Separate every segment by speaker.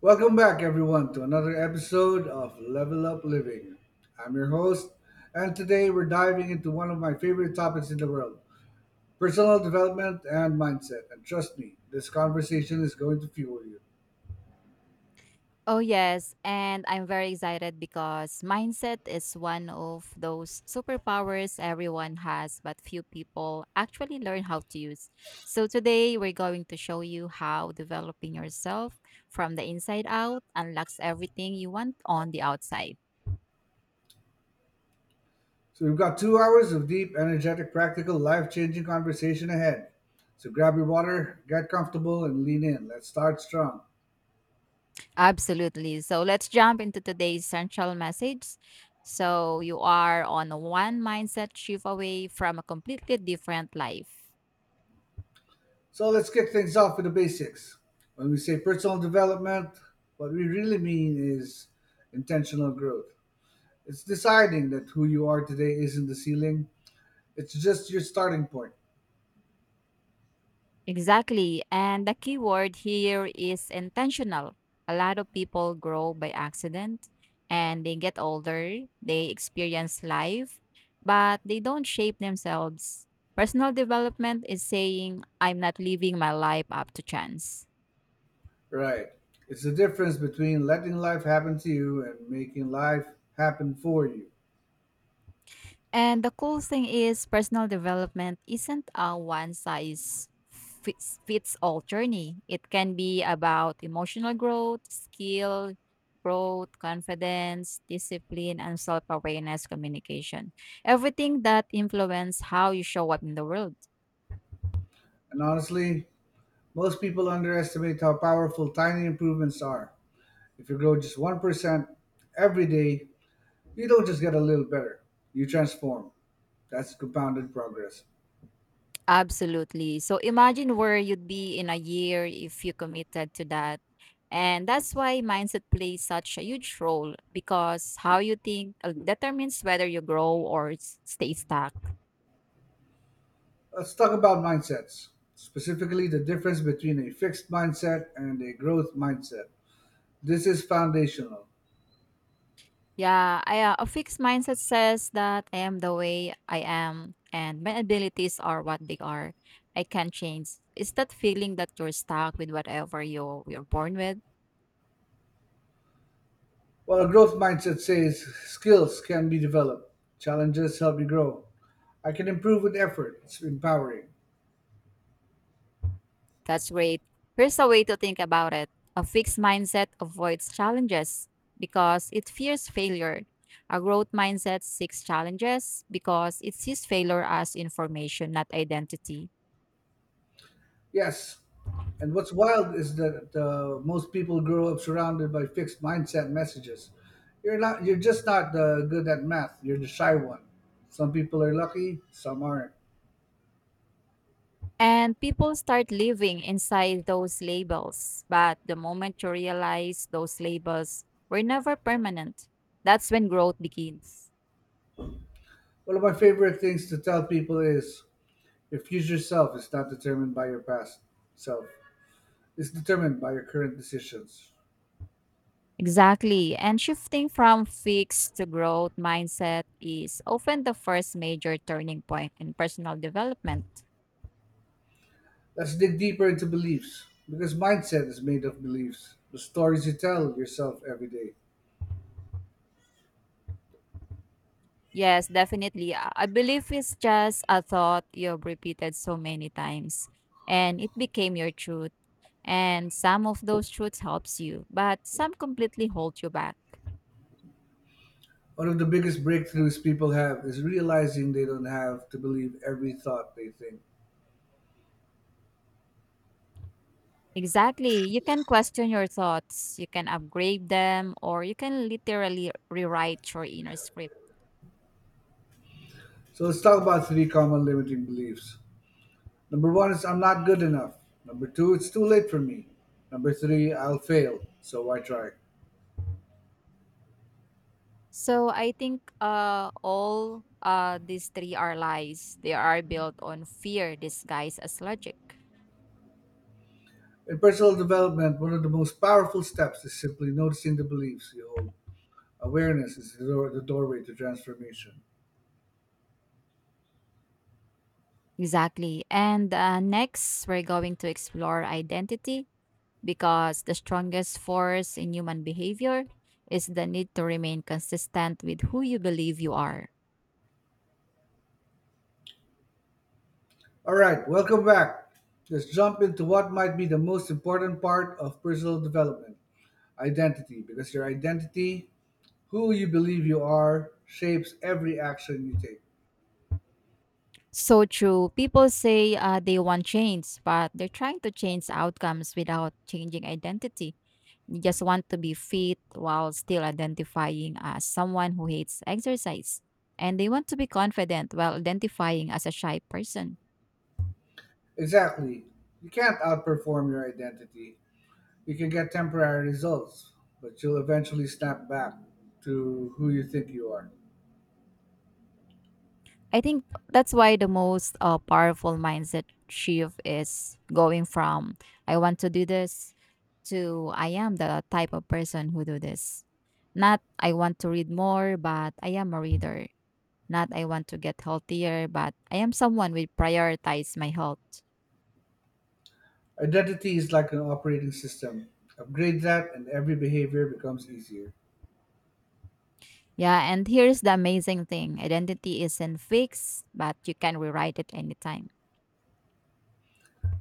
Speaker 1: Welcome back, everyone, to another episode of Level Up Living. I'm your host, and today we're diving into one of my favorite topics in the world, personal development and mindset. And trust me, this conversation is going to fuel you.
Speaker 2: Oh, yes. And I'm very excited because mindset is one of those superpowers everyone has, but few people actually learn how to use. So, today we're going to show you how developing yourself from the inside out unlocks everything you want on the outside.
Speaker 1: So, we've got 2 hours of deep, energetic, practical, life changing conversation ahead. So, grab your water, get comfortable, and lean in. Let's start strong.
Speaker 2: Absolutely. So let's jump into today's essential message. So you are on a one mindset shift away from a completely different life.
Speaker 1: So, let's kick things off with the basics. When we say personal development, what we really mean is intentional growth. It's deciding that who you are today isn't the ceiling. It's just your starting point.
Speaker 2: Exactly. And the key word here is intentional. A lot of people grow by accident and they get older, they experience life, but they don't shape themselves. Personal development is saying, I'm not living my life up to chance.
Speaker 1: Right. It's the difference between letting life happen to you and making life happen for you.
Speaker 2: And the cool thing is, personal development isn't a one size fits all journey. It can be about emotional growth, skill growth, confidence, discipline, and self awareness communication. Everything that influence how you show up in the world.
Speaker 1: And honestly, most people underestimate how powerful tiny improvements are. If you grow just 1% every day, you don't just get a little better, you transform. That's compounded progress.
Speaker 2: Absolutely. So imagine where you'd be in a year if you committed to that. And that's why mindset plays such a huge role because how you think determines whether you grow or stay stuck.
Speaker 1: Let's talk about mindsets, specifically the difference between a fixed mindset and a growth mindset. This is foundational.
Speaker 2: Yeah, a fixed mindset says that I am the way I am and my abilities are what they are. I can't change. Is that feeling that you're stuck with whatever you're born with?
Speaker 1: Well, a growth mindset says skills can be developed, challenges help you grow. I can improve with effort. It's empowering.
Speaker 2: That's great. Here's a way to think about it. A fixed mindset avoids challenges because it fears failure. A growth mindset seeks challenges because it sees failure as information, not identity.
Speaker 1: Yes. And what's wild is that most people grow up surrounded by fixed mindset messages. You're not. You're just not good at math. You're the shy one. Some people are lucky. Some aren't.
Speaker 2: And people start living inside those labels. But the moment you realize those labels were never permanent, that's when growth begins.
Speaker 1: One of my favorite things to tell people is your future self is not determined by your past self. It's determined by your current decisions.
Speaker 2: Exactly. And shifting from fixed to growth mindset is often the first major turning point in personal development.
Speaker 1: Let's dig deeper into beliefs, because mindset is made of beliefs, the stories you tell yourself every day.
Speaker 2: Yes, definitely. I believe it's just a thought you've repeated so many times and it became your truth. And some of those truths helps you, but some completely hold you back.
Speaker 1: One of the biggest breakthroughs people have is realizing they don't have to believe every thought they think.
Speaker 2: Exactly. You can question your thoughts, you can upgrade them, or you can literally rewrite your inner script.
Speaker 1: So let's talk about three common limiting beliefs. Number one is I'm not good enough. Number two, it's too late for me. Number three, I'll fail, so why try?
Speaker 2: So I think all these three are lies. They are built on fear disguised as logic.
Speaker 1: In personal development, one of the most powerful steps is simply noticing the beliefs you hold. Awareness is the doorway to transformation.
Speaker 2: Exactly. And next, we're going to explore identity because the strongest force in human behavior is the need to remain consistent with who you believe you are.
Speaker 1: All right, welcome back. Let's jump into what might be the most important part of personal development, identity, because your identity, who you believe you are, shapes every action you take.
Speaker 2: So true. People say they want change, but they're trying to change outcomes without changing identity. You just want to be fit while still identifying as someone who hates exercise. And they want to be confident while identifying as a shy person.
Speaker 1: Exactly. You can't outperform your identity. You can get temporary results, but you'll eventually snap back to who you think you are.
Speaker 2: I think that's why the most powerful mindset shift is going from I want to do this to I am the type of person who do this. Not I want to read more, but I am a reader. Not I want to get healthier, but I am someone who prioritize my health.
Speaker 1: Identity is like an operating system. Upgrade that, and every behavior becomes easier.
Speaker 2: Yeah, and here's the amazing thing identity isn't fixed, but you can rewrite it anytime.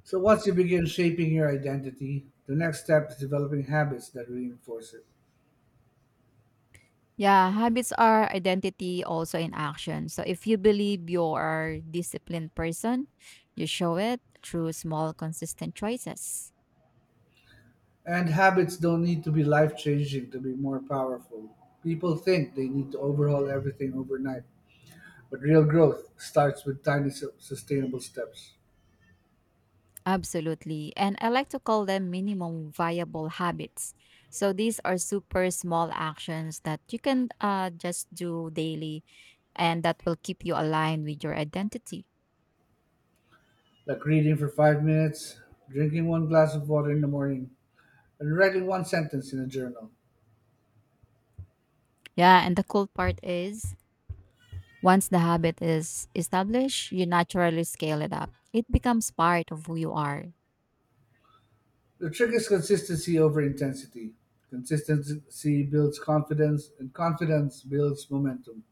Speaker 1: So once you begin shaping your identity, the next step is developing habits that reinforce it.
Speaker 2: Yeah, habits are identity also in action. So if you believe you're a disciplined person, you show it through small, consistent choices.
Speaker 1: And habits don't need to be life changing to be more powerful. People think they need to overhaul everything overnight, but real growth starts with tiny sustainable steps,
Speaker 2: Absolutely. And I like to call them minimum viable habits. So these are super small actions that you can just do daily and that will keep you aligned with your identity.
Speaker 1: like reading for 5 minutes, drinking one glass of water in the morning, and writing one sentence in a journal.
Speaker 2: Yeah, and the cool part is, once the habit is established, you naturally scale it up. It becomes part of who you are.
Speaker 1: The trick is consistency over intensity. Consistency builds confidence, and confidence builds momentum.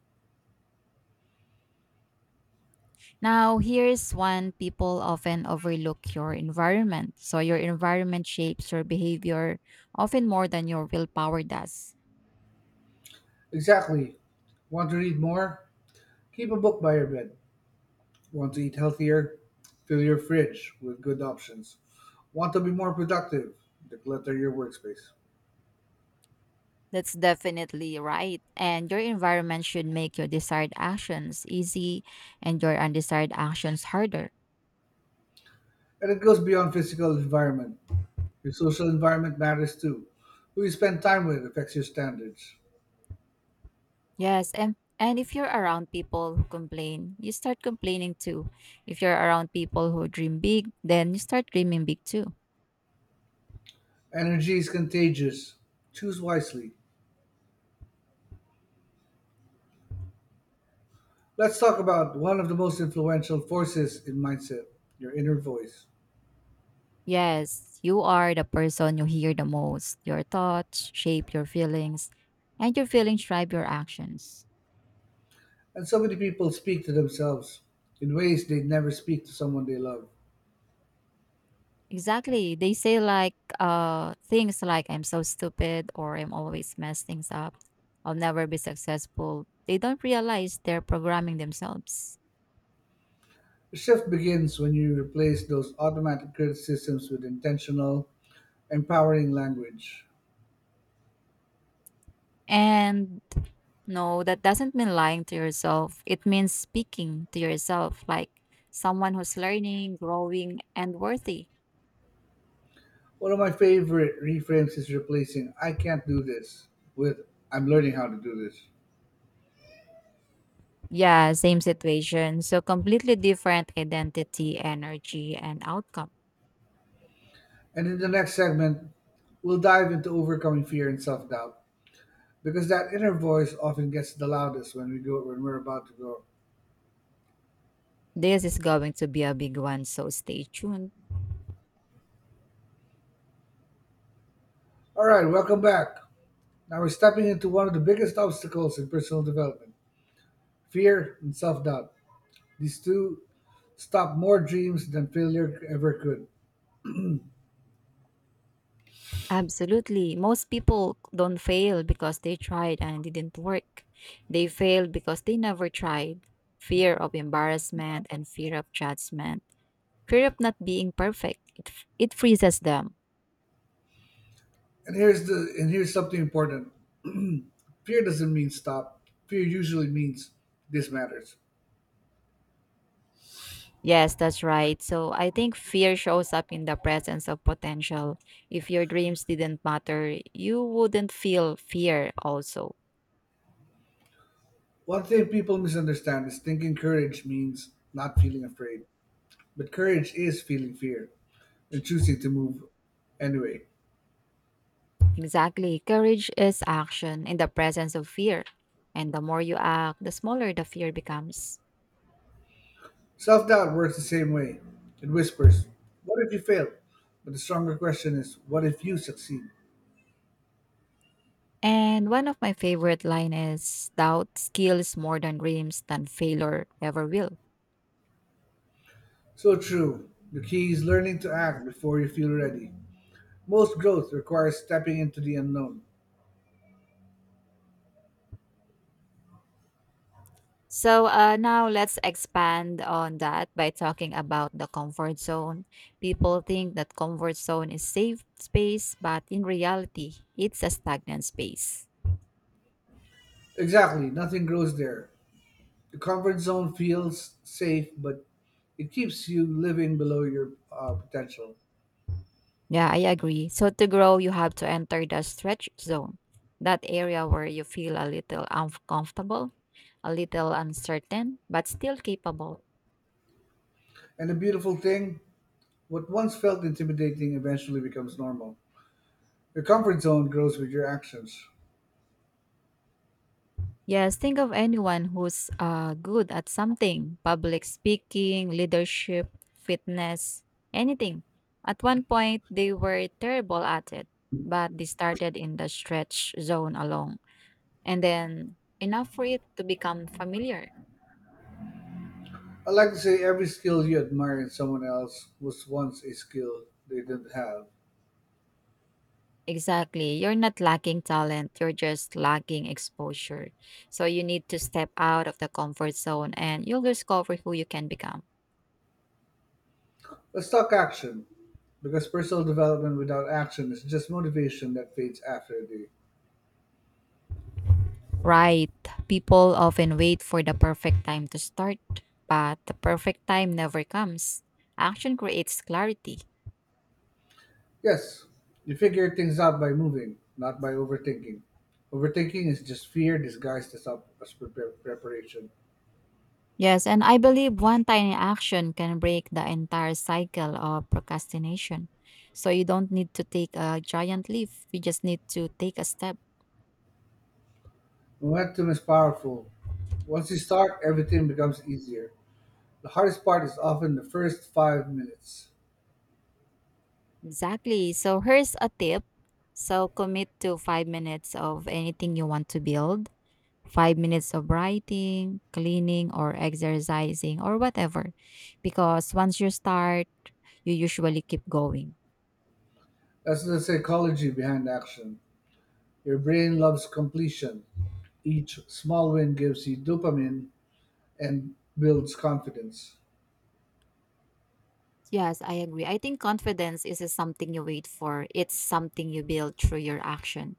Speaker 2: Now, here's one people often overlook your environment. So, your environment shapes your behavior often more than your willpower does.
Speaker 1: Exactly. Want to read more? Keep a book by your bed. Want to eat healthier? Fill your fridge with good options. Want to be more productive? Declutter your workspace.
Speaker 2: That's definitely right. And your environment should make your desired actions easy and your undesired actions harder.
Speaker 1: And it goes beyond physical environment. Your social environment matters too. Who you spend time with affects your standards.
Speaker 2: Yes, and if you're around people who complain, you start complaining too. If you're around people who dream big, then you start dreaming big too.
Speaker 1: Energy is contagious. Choose wisely. Let's talk about one of the most influential forces in mindset, your inner voice.
Speaker 2: Yes, you are the person you hear the most. Your thoughts shape your feelings, and your feelings drive your actions.
Speaker 1: And so many people speak to themselves in ways they would never speak to someone they love.
Speaker 2: Exactly. They say like things like I'm so stupid or I'm always mess things up. I'll never be successful. They don't realize they're programming themselves.
Speaker 1: The shift begins when you replace those automatic criticisms with intentional, empowering language.
Speaker 2: And no, that doesn't mean lying to yourself. It means speaking to yourself like someone who's learning, growing, and worthy.
Speaker 1: One of my favorite reframes is replacing I can't do this with I'm learning how to do this.
Speaker 2: Yeah, same situation. So completely different identity, energy, and outcome.
Speaker 1: And in the next segment, we'll dive into overcoming fear and self doubt because that inner voice often gets the loudest when we're about to grow.
Speaker 2: This is going to be a big one, so stay tuned.
Speaker 1: All right, welcome back. Now we're stepping into one of the biggest obstacles in personal development: fear and self doubt. These two stop more dreams than failure ever could.
Speaker 2: Absolutely. Most people don't fail because they tried and it didn't work. They failed because they never tried. Fear of embarrassment and fear of judgment. Fear of not being perfect. It freezes them.
Speaker 1: And here's something important. Fear doesn't mean stop. Fear usually means this matters.
Speaker 2: Yes, that's right. So I think fear shows up in the presence of potential. If your dreams didn't matter, you wouldn't feel fear also.
Speaker 1: One thing people misunderstand is thinking courage means not feeling afraid. But courage is feeling fear and choosing to move anyway.
Speaker 2: Exactly. Courage is action in the presence of fear. And the more you act, the smaller the fear becomes.
Speaker 1: Self doubt works the same way. It whispers, what if you fail? But the stronger question is, what if you succeed?
Speaker 2: And one of my favorite line is doubt skills more than dreams than failure ever will.
Speaker 1: So true. The key is learning to act before you feel ready. Most growth requires stepping into the unknown.
Speaker 2: So now let's expand on that by talking about the comfort zone. People think that comfort zone is safe space, but in reality, it's a stagnant space.
Speaker 1: Exactly, nothing grows there. The comfort zone feels safe, but it keeps you living below your potential.
Speaker 2: Yeah, I agree. So to grow, you have to enter the stretch zone, that area where you feel a little uncomfortable, a little uncertain, but still capable.
Speaker 1: And the beautiful thing, what once felt intimidating eventually becomes normal. Your comfort zone grows with your actions.
Speaker 2: Yes, think of anyone who's good at something public speaking, leadership, fitness, anything. At one point, they were terrible at it, but they started in the stretch zone alone. And then enough for it to become familiar.
Speaker 1: I like to say every skill you admire in someone else was once a skill they didn't have.
Speaker 2: Exactly. You're not lacking talent, you're just lacking exposure. So you need to step out of the comfort zone and you'll discover who you can become.
Speaker 1: Let's talk action, because personal development without action is just motivation that fades after a day.
Speaker 2: Right. People often wait for the perfect time to start, but the perfect time never comes. Action creates clarity.
Speaker 1: Yes, you figure things out by moving, not by overthinking. Overthinking is just fear disguised as, as preparation.
Speaker 2: Yes, and I believe one tiny action can break the entire cycle of procrastination. So you don't need to take a giant leap, you just need to take a step.
Speaker 1: Momentum is powerful. Once you start, everything becomes easier. The hardest part is often the first 5 minutes.
Speaker 2: Exactly. So here's a tip. So commit to 5 minutes of anything you want to build 5 minutes of writing, cleaning, or exercising, or whatever. Because once you start, you usually keep going.
Speaker 1: That's the psychology behind action. Your brain loves completion. Each small win gives you dopamine and builds confidence.
Speaker 2: Yes, I agree. I think confidence isn't something you wait for, it's something you build through your action.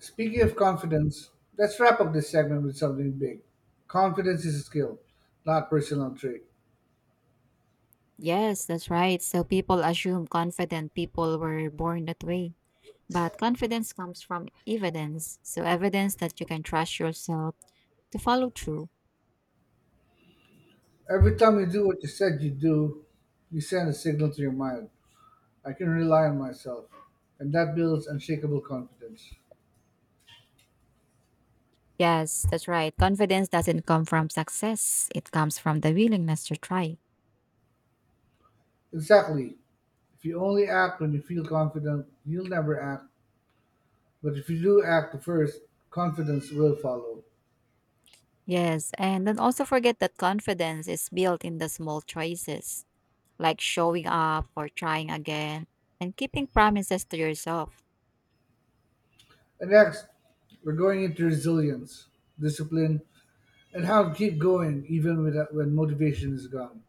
Speaker 1: Speaking of confidence, let's wrap up this segment with something big. Confidence is a skill, not personal trait.
Speaker 2: Yes, that's right. So people assume confident people were born that way. But confidence comes from evidence. So, evidence that you can trust yourself to follow through.
Speaker 1: Every time you do what you said you do, you send a signal to your mind. I can rely on myself. And that builds unshakable confidence.
Speaker 2: Yes, that's right. Confidence doesn't come from success, it comes from the willingness to try.
Speaker 1: Exactly. If you only act when you feel confident, you'll never act. But if you do act first, confidence will follow.
Speaker 2: Yes, and don't also forget that confidence is built in the small choices, like showing up or trying again and keeping promises to yourself.
Speaker 1: And next, we're going into resilience, discipline, and how to keep going even without, when motivation is gone.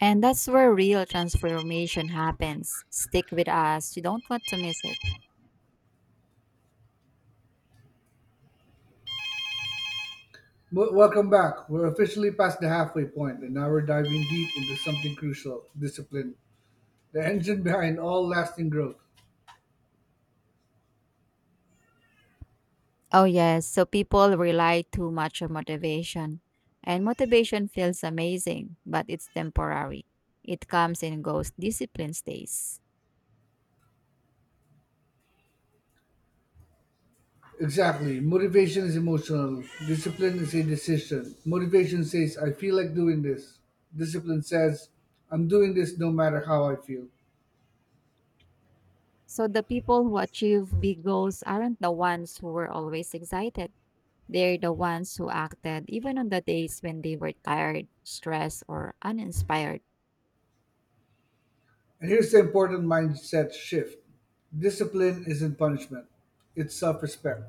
Speaker 2: And that's where real transformation happens. Stick with us, you don't want to miss it.
Speaker 1: Welcome back. We're officially past the halfway point, and now we're diving deep into something crucial, discipline. The engine behind all lasting growth.
Speaker 2: Oh, yes, so people rely too much on motivation. And motivation feels amazing, but it's temporary. It comes and goes, discipline stays.
Speaker 1: Exactly. Motivation is emotional, discipline is a decision. Motivation says, I feel like doing this. Discipline says, I'm doing this no matter how I feel.
Speaker 2: So the people who achieve big goals aren't the ones who were always excited. They're the ones who acted even on the days when they were tired, stressed, or uninspired.
Speaker 1: And here's the important mindset shift, discipline isn't punishment, it's self respect.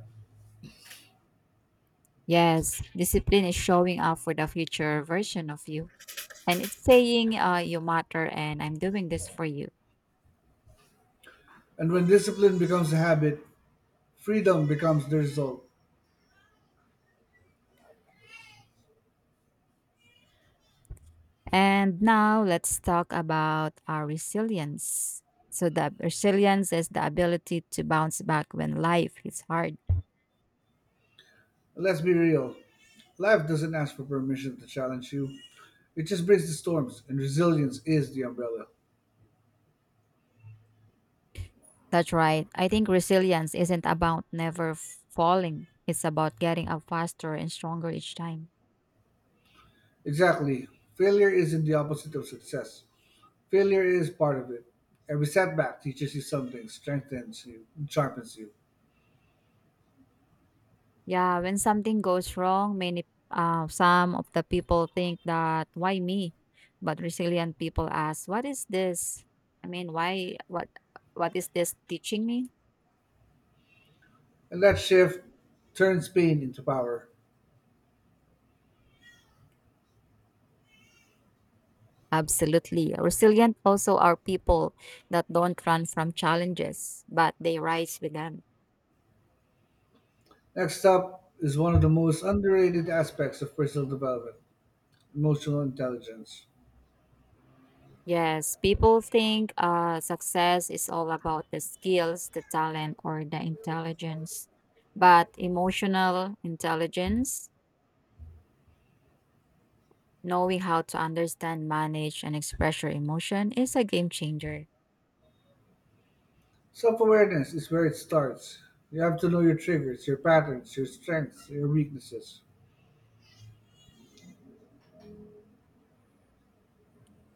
Speaker 2: Yes, discipline is showing up for the future version of you. And it's saying, you matter and I'm doing this for you.
Speaker 1: And when discipline becomes a habit, freedom becomes the result.
Speaker 2: And now let's talk about our resilience. So, the resilience is the ability to bounce back when life is hard.
Speaker 1: Let's be real. Life doesn't ask for permission to challenge you. It just brings the storms, and resilience is the umbrella.
Speaker 2: That's right. I think resilience isn't about never falling, it's about getting up faster and stronger each time.
Speaker 1: Exactly. Failure isn't the opposite of success. Failure is part of it. Every setback teaches you something, strengthens you, and sharpens you.
Speaker 2: Yeah, when something goes wrong, many some of the people think that why me? But resilient people ask, what is this? I mean, why what is this teaching me?
Speaker 1: And that shift turns pain into power.
Speaker 2: Absolutely. Resilient also are people that don't run from challenges, but they rise with them.
Speaker 1: Next up is one of the most underrated aspects of personal development, emotional intelligence.
Speaker 2: Yes, people think success is all about the skills, the talent, or the intelligence. But emotional intelligence, knowing how to understand, manage, and express your emotion is a game changer.
Speaker 1: Self awareness is where it starts. You have to know your triggers, your patterns, your strengths, your weaknesses.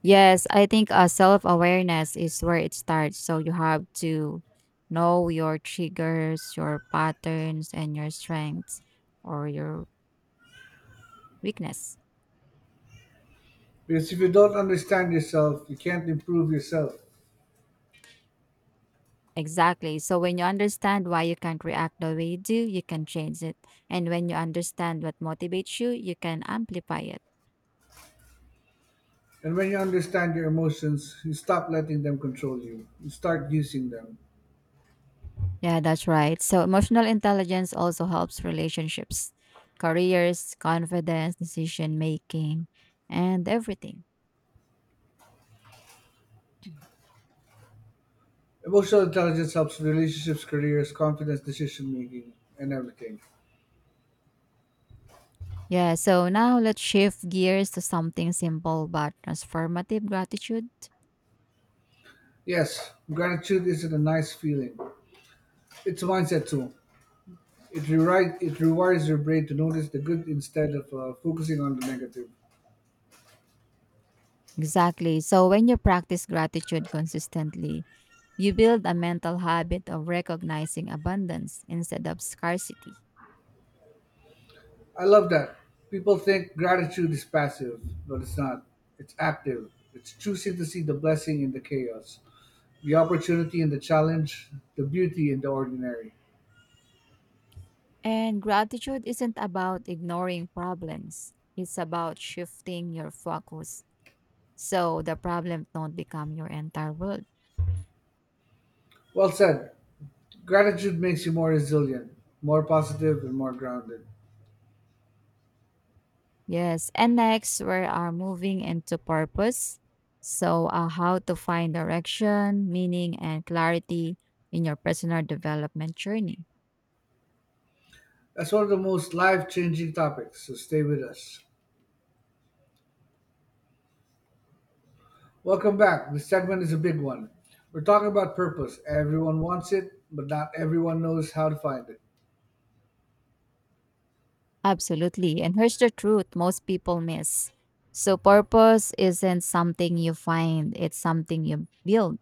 Speaker 2: Yes, I think self awareness is where it starts. So you have to know your triggers, your patterns, and your strengths or your weakness.
Speaker 1: Because if you don't understand yourself, you can't improve yourself.
Speaker 2: Exactly. So when you understand why you can't react the way you do, you can change it. And when you understand what motivates you, you can amplify it.
Speaker 1: And when you understand your emotions, you stop letting them control you. You start using them.
Speaker 2: Yeah, that's right. So emotional intelligence also helps relationships, careers, confidence, decision making, and everything.
Speaker 1: Emotional intelligence helps with relationships, careers, confidence, decision making, and everything.
Speaker 2: Yeah, so now let's shift gears to something simple but transformative gratitude.
Speaker 1: Yes, gratitude isn't a nice feeling. It's a mindset tool. It rewires your brain to notice the good instead of focusing on the negative.
Speaker 2: Exactly. So when you practice gratitude consistently, you build a mental habit of recognizing abundance instead of scarcity.
Speaker 1: I love that. People think gratitude is passive, but it's not. It's active. It's choosing to see the blessing in the chaos, the opportunity in the challenge, the beauty in the ordinary.
Speaker 2: And gratitude isn't about ignoring problems, it's about shifting your focus so the problem don't become your entire world.
Speaker 1: Well said. Gratitude makes you more resilient, more positive, and more grounded.
Speaker 2: Yes. And next, we are moving into purpose. So how to find direction, meaning, and clarity in your personal development journey.
Speaker 1: That's one of the most life changing topics, so stay with us. Welcome back. This segment is a big one. We're talking about purpose. Everyone wants it, but not everyone knows how to find it.
Speaker 2: Absolutely. And here's the truth most people miss. So purpose isn't something you find, it's something you build.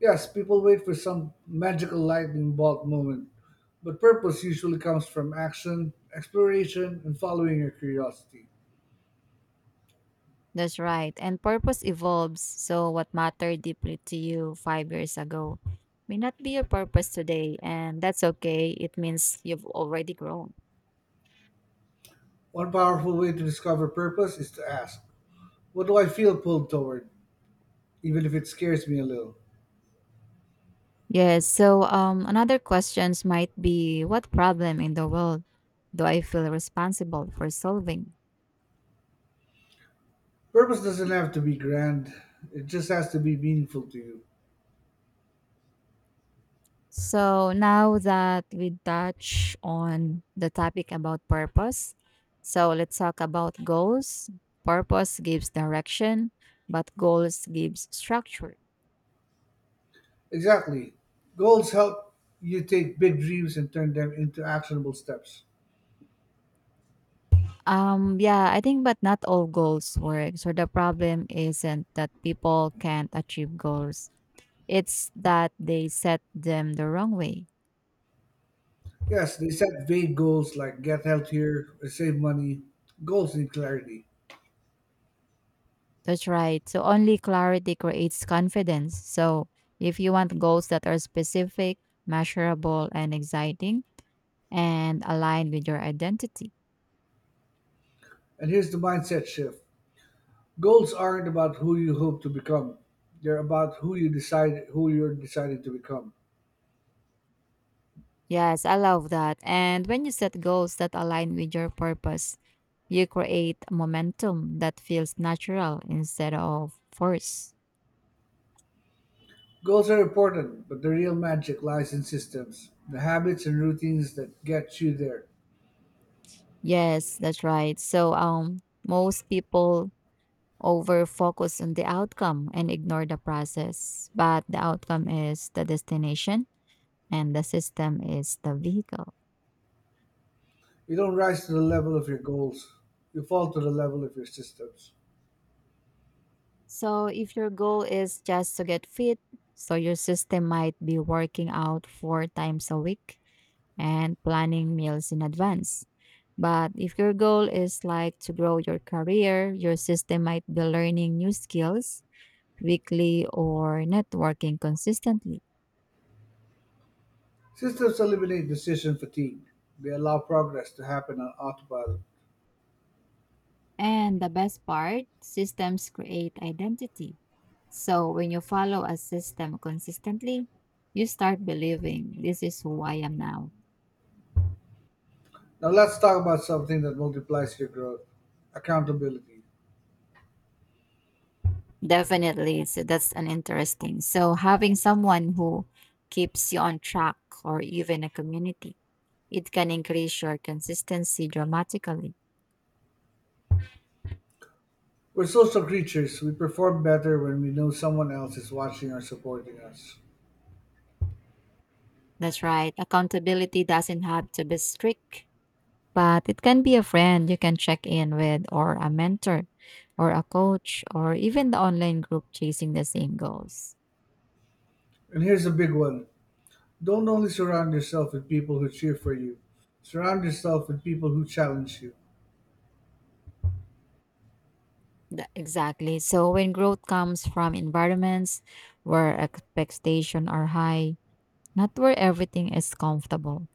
Speaker 1: Yes, people wait for some magical lightning bolt moment, but purpose usually comes from action, exploration, and following your curiosity.
Speaker 2: That's right. And purpose evolves. So, what mattered deeply to you 5 years ago may not be your purpose today. And that's okay. It means you've already grown.
Speaker 1: One powerful way to discover purpose is to ask, what do I feel pulled toward, even if it scares me a little?
Speaker 2: Yes. So, another questions might be what problem in the world do I feel responsible for solving?
Speaker 1: Purpose doesn't have to be grand, it just has to be meaningful to you.
Speaker 2: So, now that we touch on the topic about purpose, so let's talk about goals. Purpose gives direction, but goals gives structure.
Speaker 1: Exactly. Goals help you take big dreams and turn them into actionable steps.
Speaker 2: Yeah, I think, but not all goals work. So the problem isn't that people can't achieve goals, it's that they set them the wrong way.
Speaker 1: Yes, they set vague goals like get healthier or save money. Goals need clarity.
Speaker 2: That's right. So only clarity creates confidence. So if you want goals that are specific, measurable, and exciting, and aligned with your identity.
Speaker 1: And here's the mindset shift. Goals aren't about who you hope to become. They're about who you're deciding to become.
Speaker 2: Yes, I love that. And when you set goals that align with your purpose, you create a momentum that feels natural instead of forced.
Speaker 1: Goals are important, but the real magic lies in systems, the habits and routines that get you there.
Speaker 2: Yes, that's right. So most people over focus on the outcome and ignore the process, but the outcome is the destination and the system is the vehicle.
Speaker 1: You don't rise to the level of your goals. You fall to the level of your systems.
Speaker 2: So if your goal is just to get fit, so your system might be working out 4 times a week and planning meals in advance. But if your goal is like to grow your career, your system might be learning new skills weekly or networking consistently.
Speaker 1: Systems eliminate decision fatigue. They allow progress to happen on autopilot.
Speaker 2: And the best part, systems create identity. So when you follow a system consistently, you start believing this is who I am now.
Speaker 1: Now let's talk about something that multiplies your growth. Accountability.
Speaker 2: Definitely. So that's an interesting. So having someone who keeps you on track or even a community. It can increase your consistency dramatically.
Speaker 1: We're social creatures. We perform better when we know someone else is watching or supporting us.
Speaker 2: That's right. Accountability doesn't have to be strict, but it can be a friend you can check in with, or a mentor, or a coach, or even the online group chasing the same goals.
Speaker 1: And here's a big one, don't only surround yourself with people who cheer for you, surround yourself with people who challenge you.
Speaker 2: Exactly. So when growth comes from environments where expectations are high, not where everything is comfortable.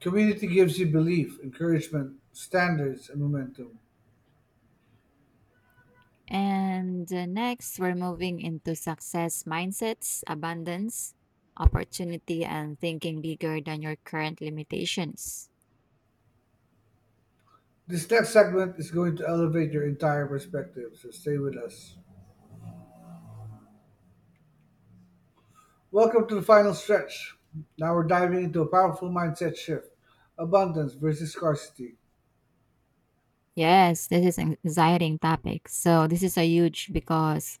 Speaker 1: Community gives you belief, encouragement, standards, and momentum.
Speaker 2: And next, we're moving into success mindsets, abundance, opportunity, and thinking bigger than your current limitations.
Speaker 1: This next segment is going to elevate your entire perspective, so stay with us. Welcome to the final stretch. Now we're diving into a powerful mindset shift, abundance versus scarcity.
Speaker 2: Yes, this is an exciting topic. So this is a huge because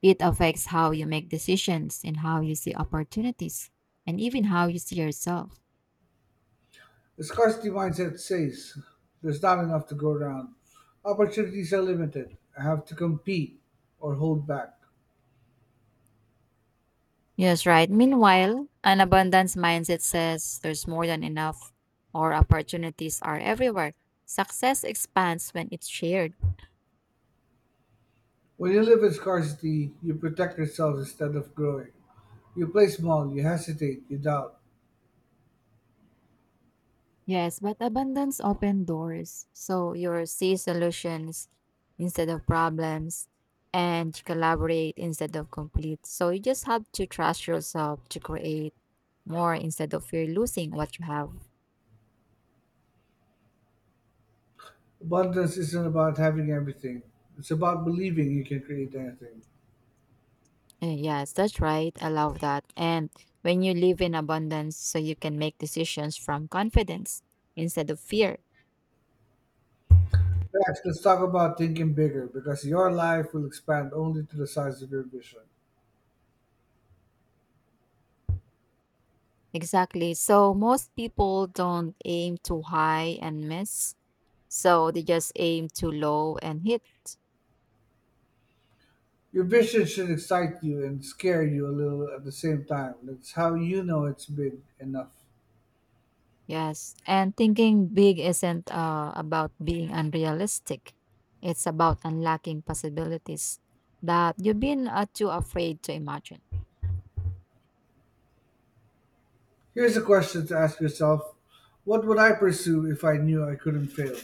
Speaker 2: it affects how you make decisions and how you see opportunities and even how you see yourself.
Speaker 1: The scarcity mindset says there's not enough to go around. Opportunities are limited. I have to compete or hold back.
Speaker 2: Yes, right. Meanwhile, an abundance mindset says there's more than enough or opportunities are everywhere. Success expands when it's shared.
Speaker 1: When you live in scarcity, you protect yourself instead of growing. You play small, you hesitate, you doubt.
Speaker 2: Yes, but abundance open doors. So you see solutions instead of problems and collaborate instead of complete. So you just have to trust yourself to create more instead of fear losing what you have.
Speaker 1: Abundance isn't about having everything, it's about believing you can create anything.
Speaker 2: Yes, that's right. I love that. And when you live in abundance, so you can make decisions from confidence instead of fear.
Speaker 1: Next, let's talk about thinking bigger, because your life will expand only to the size of your vision.
Speaker 2: Exactly. So most people don't aim too high and miss. So they just aim too low and hit.
Speaker 1: Your vision should excite you and scare you a little at the same time. That's how you know it's big enough.
Speaker 2: Yes, and thinking big isn't about being unrealistic. It's about unlocking possibilities that you've been too afraid to imagine.
Speaker 1: Here's a question to ask yourself, what would I pursue if I knew I couldn't fail?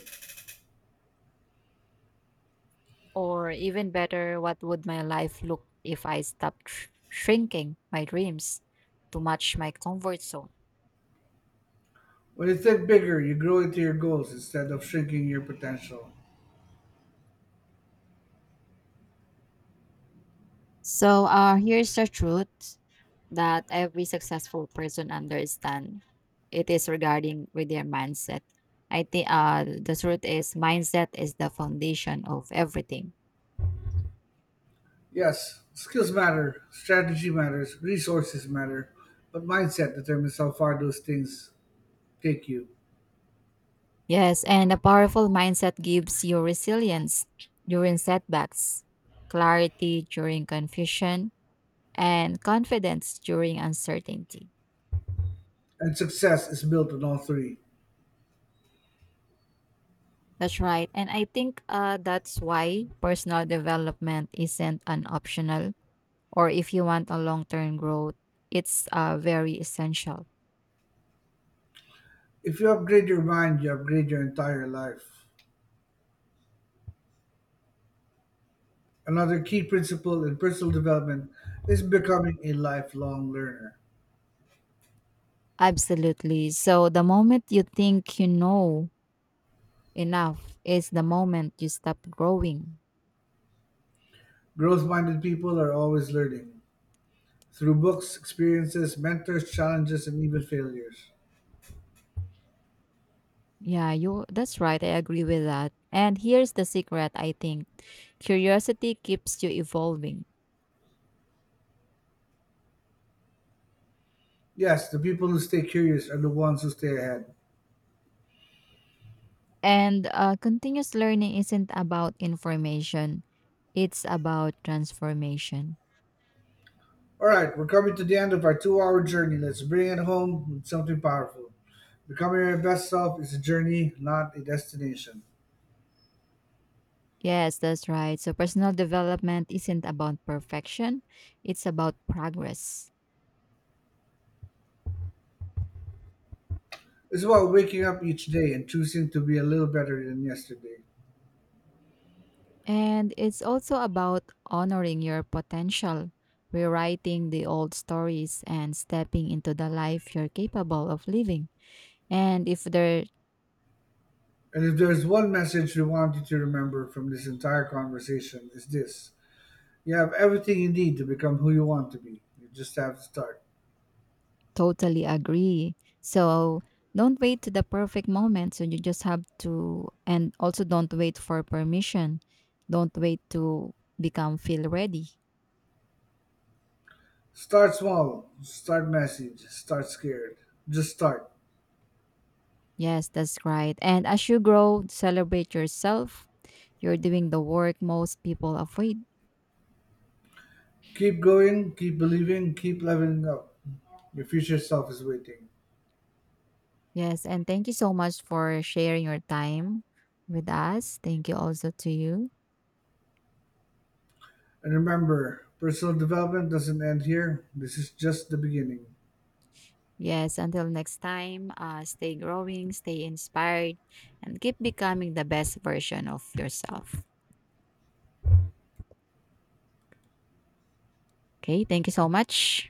Speaker 2: Or even better, what would my life look if I stopped shrinking my dreams to match my comfort zone?
Speaker 1: When you think bigger, you grow into your goals instead of shrinking your potential.
Speaker 2: So here's the truth that every successful person understand. It is regarding with their mindset. I think the truth is mindset is the foundation of everything.
Speaker 1: Yes, skills matter, strategy matters, resources matter, but mindset determines how far those things take you.
Speaker 2: Yes, and a powerful mindset gives you resilience during setbacks, clarity during confusion, and confidence during uncertainty.
Speaker 1: And success is built on all three.
Speaker 2: That's right. And I think that's why personal development isn't an optional or if you want a long term growth, it's very essential.
Speaker 1: If you upgrade your mind, you upgrade your entire life. Another key principle in personal development is becoming a lifelong learner.
Speaker 2: Absolutely. So the moment you think you know enough is the moment you stop growing.
Speaker 1: Growth minded people are always learning. Through books, experiences, mentors, challenges, and even failures.
Speaker 2: Yeah, you that's right. I agree with that. And here's the secret, I think. Curiosity keeps you evolving.
Speaker 1: Yes, the people who stay curious are the ones who stay ahead.
Speaker 2: And continuous learning isn't about information, it's about transformation.
Speaker 1: All right, we're coming to the end of our 2 hour journey. Let's bring it home with something powerful. Becoming your best self is a journey, not a destination.
Speaker 2: Yes, that's right. So personal development isn't about perfection, it's about progress.
Speaker 1: It's about waking up each day and choosing to be a little better than yesterday.
Speaker 2: And it's also about honoring your potential, rewriting the old stories, and stepping into the life you're capable of living. And if they're
Speaker 1: And if there's one message we want you to remember from this entire conversation, it's this, you have everything you need to become who you want to be. You just have to start.
Speaker 2: totally agree, so don't wait to the perfect moment. So you just have to, and also don't wait for permission. Don't wait to become feel ready.
Speaker 1: Start small, start massive, start scared. Just start.
Speaker 2: Yes, that's right. And as you grow, celebrate yourself. You're doing the work most people avoid.
Speaker 1: Keep going, keep believing, keep leveling up. Your future self is waiting.
Speaker 2: Yes, and thank you so much for sharing your time with us. Thank you also to you.
Speaker 1: And remember, personal development doesn't end here. This is just the beginning.
Speaker 2: Yes, until next time, stay growing, stay inspired, and keep becoming the best version of yourself. Okay, thank you so much.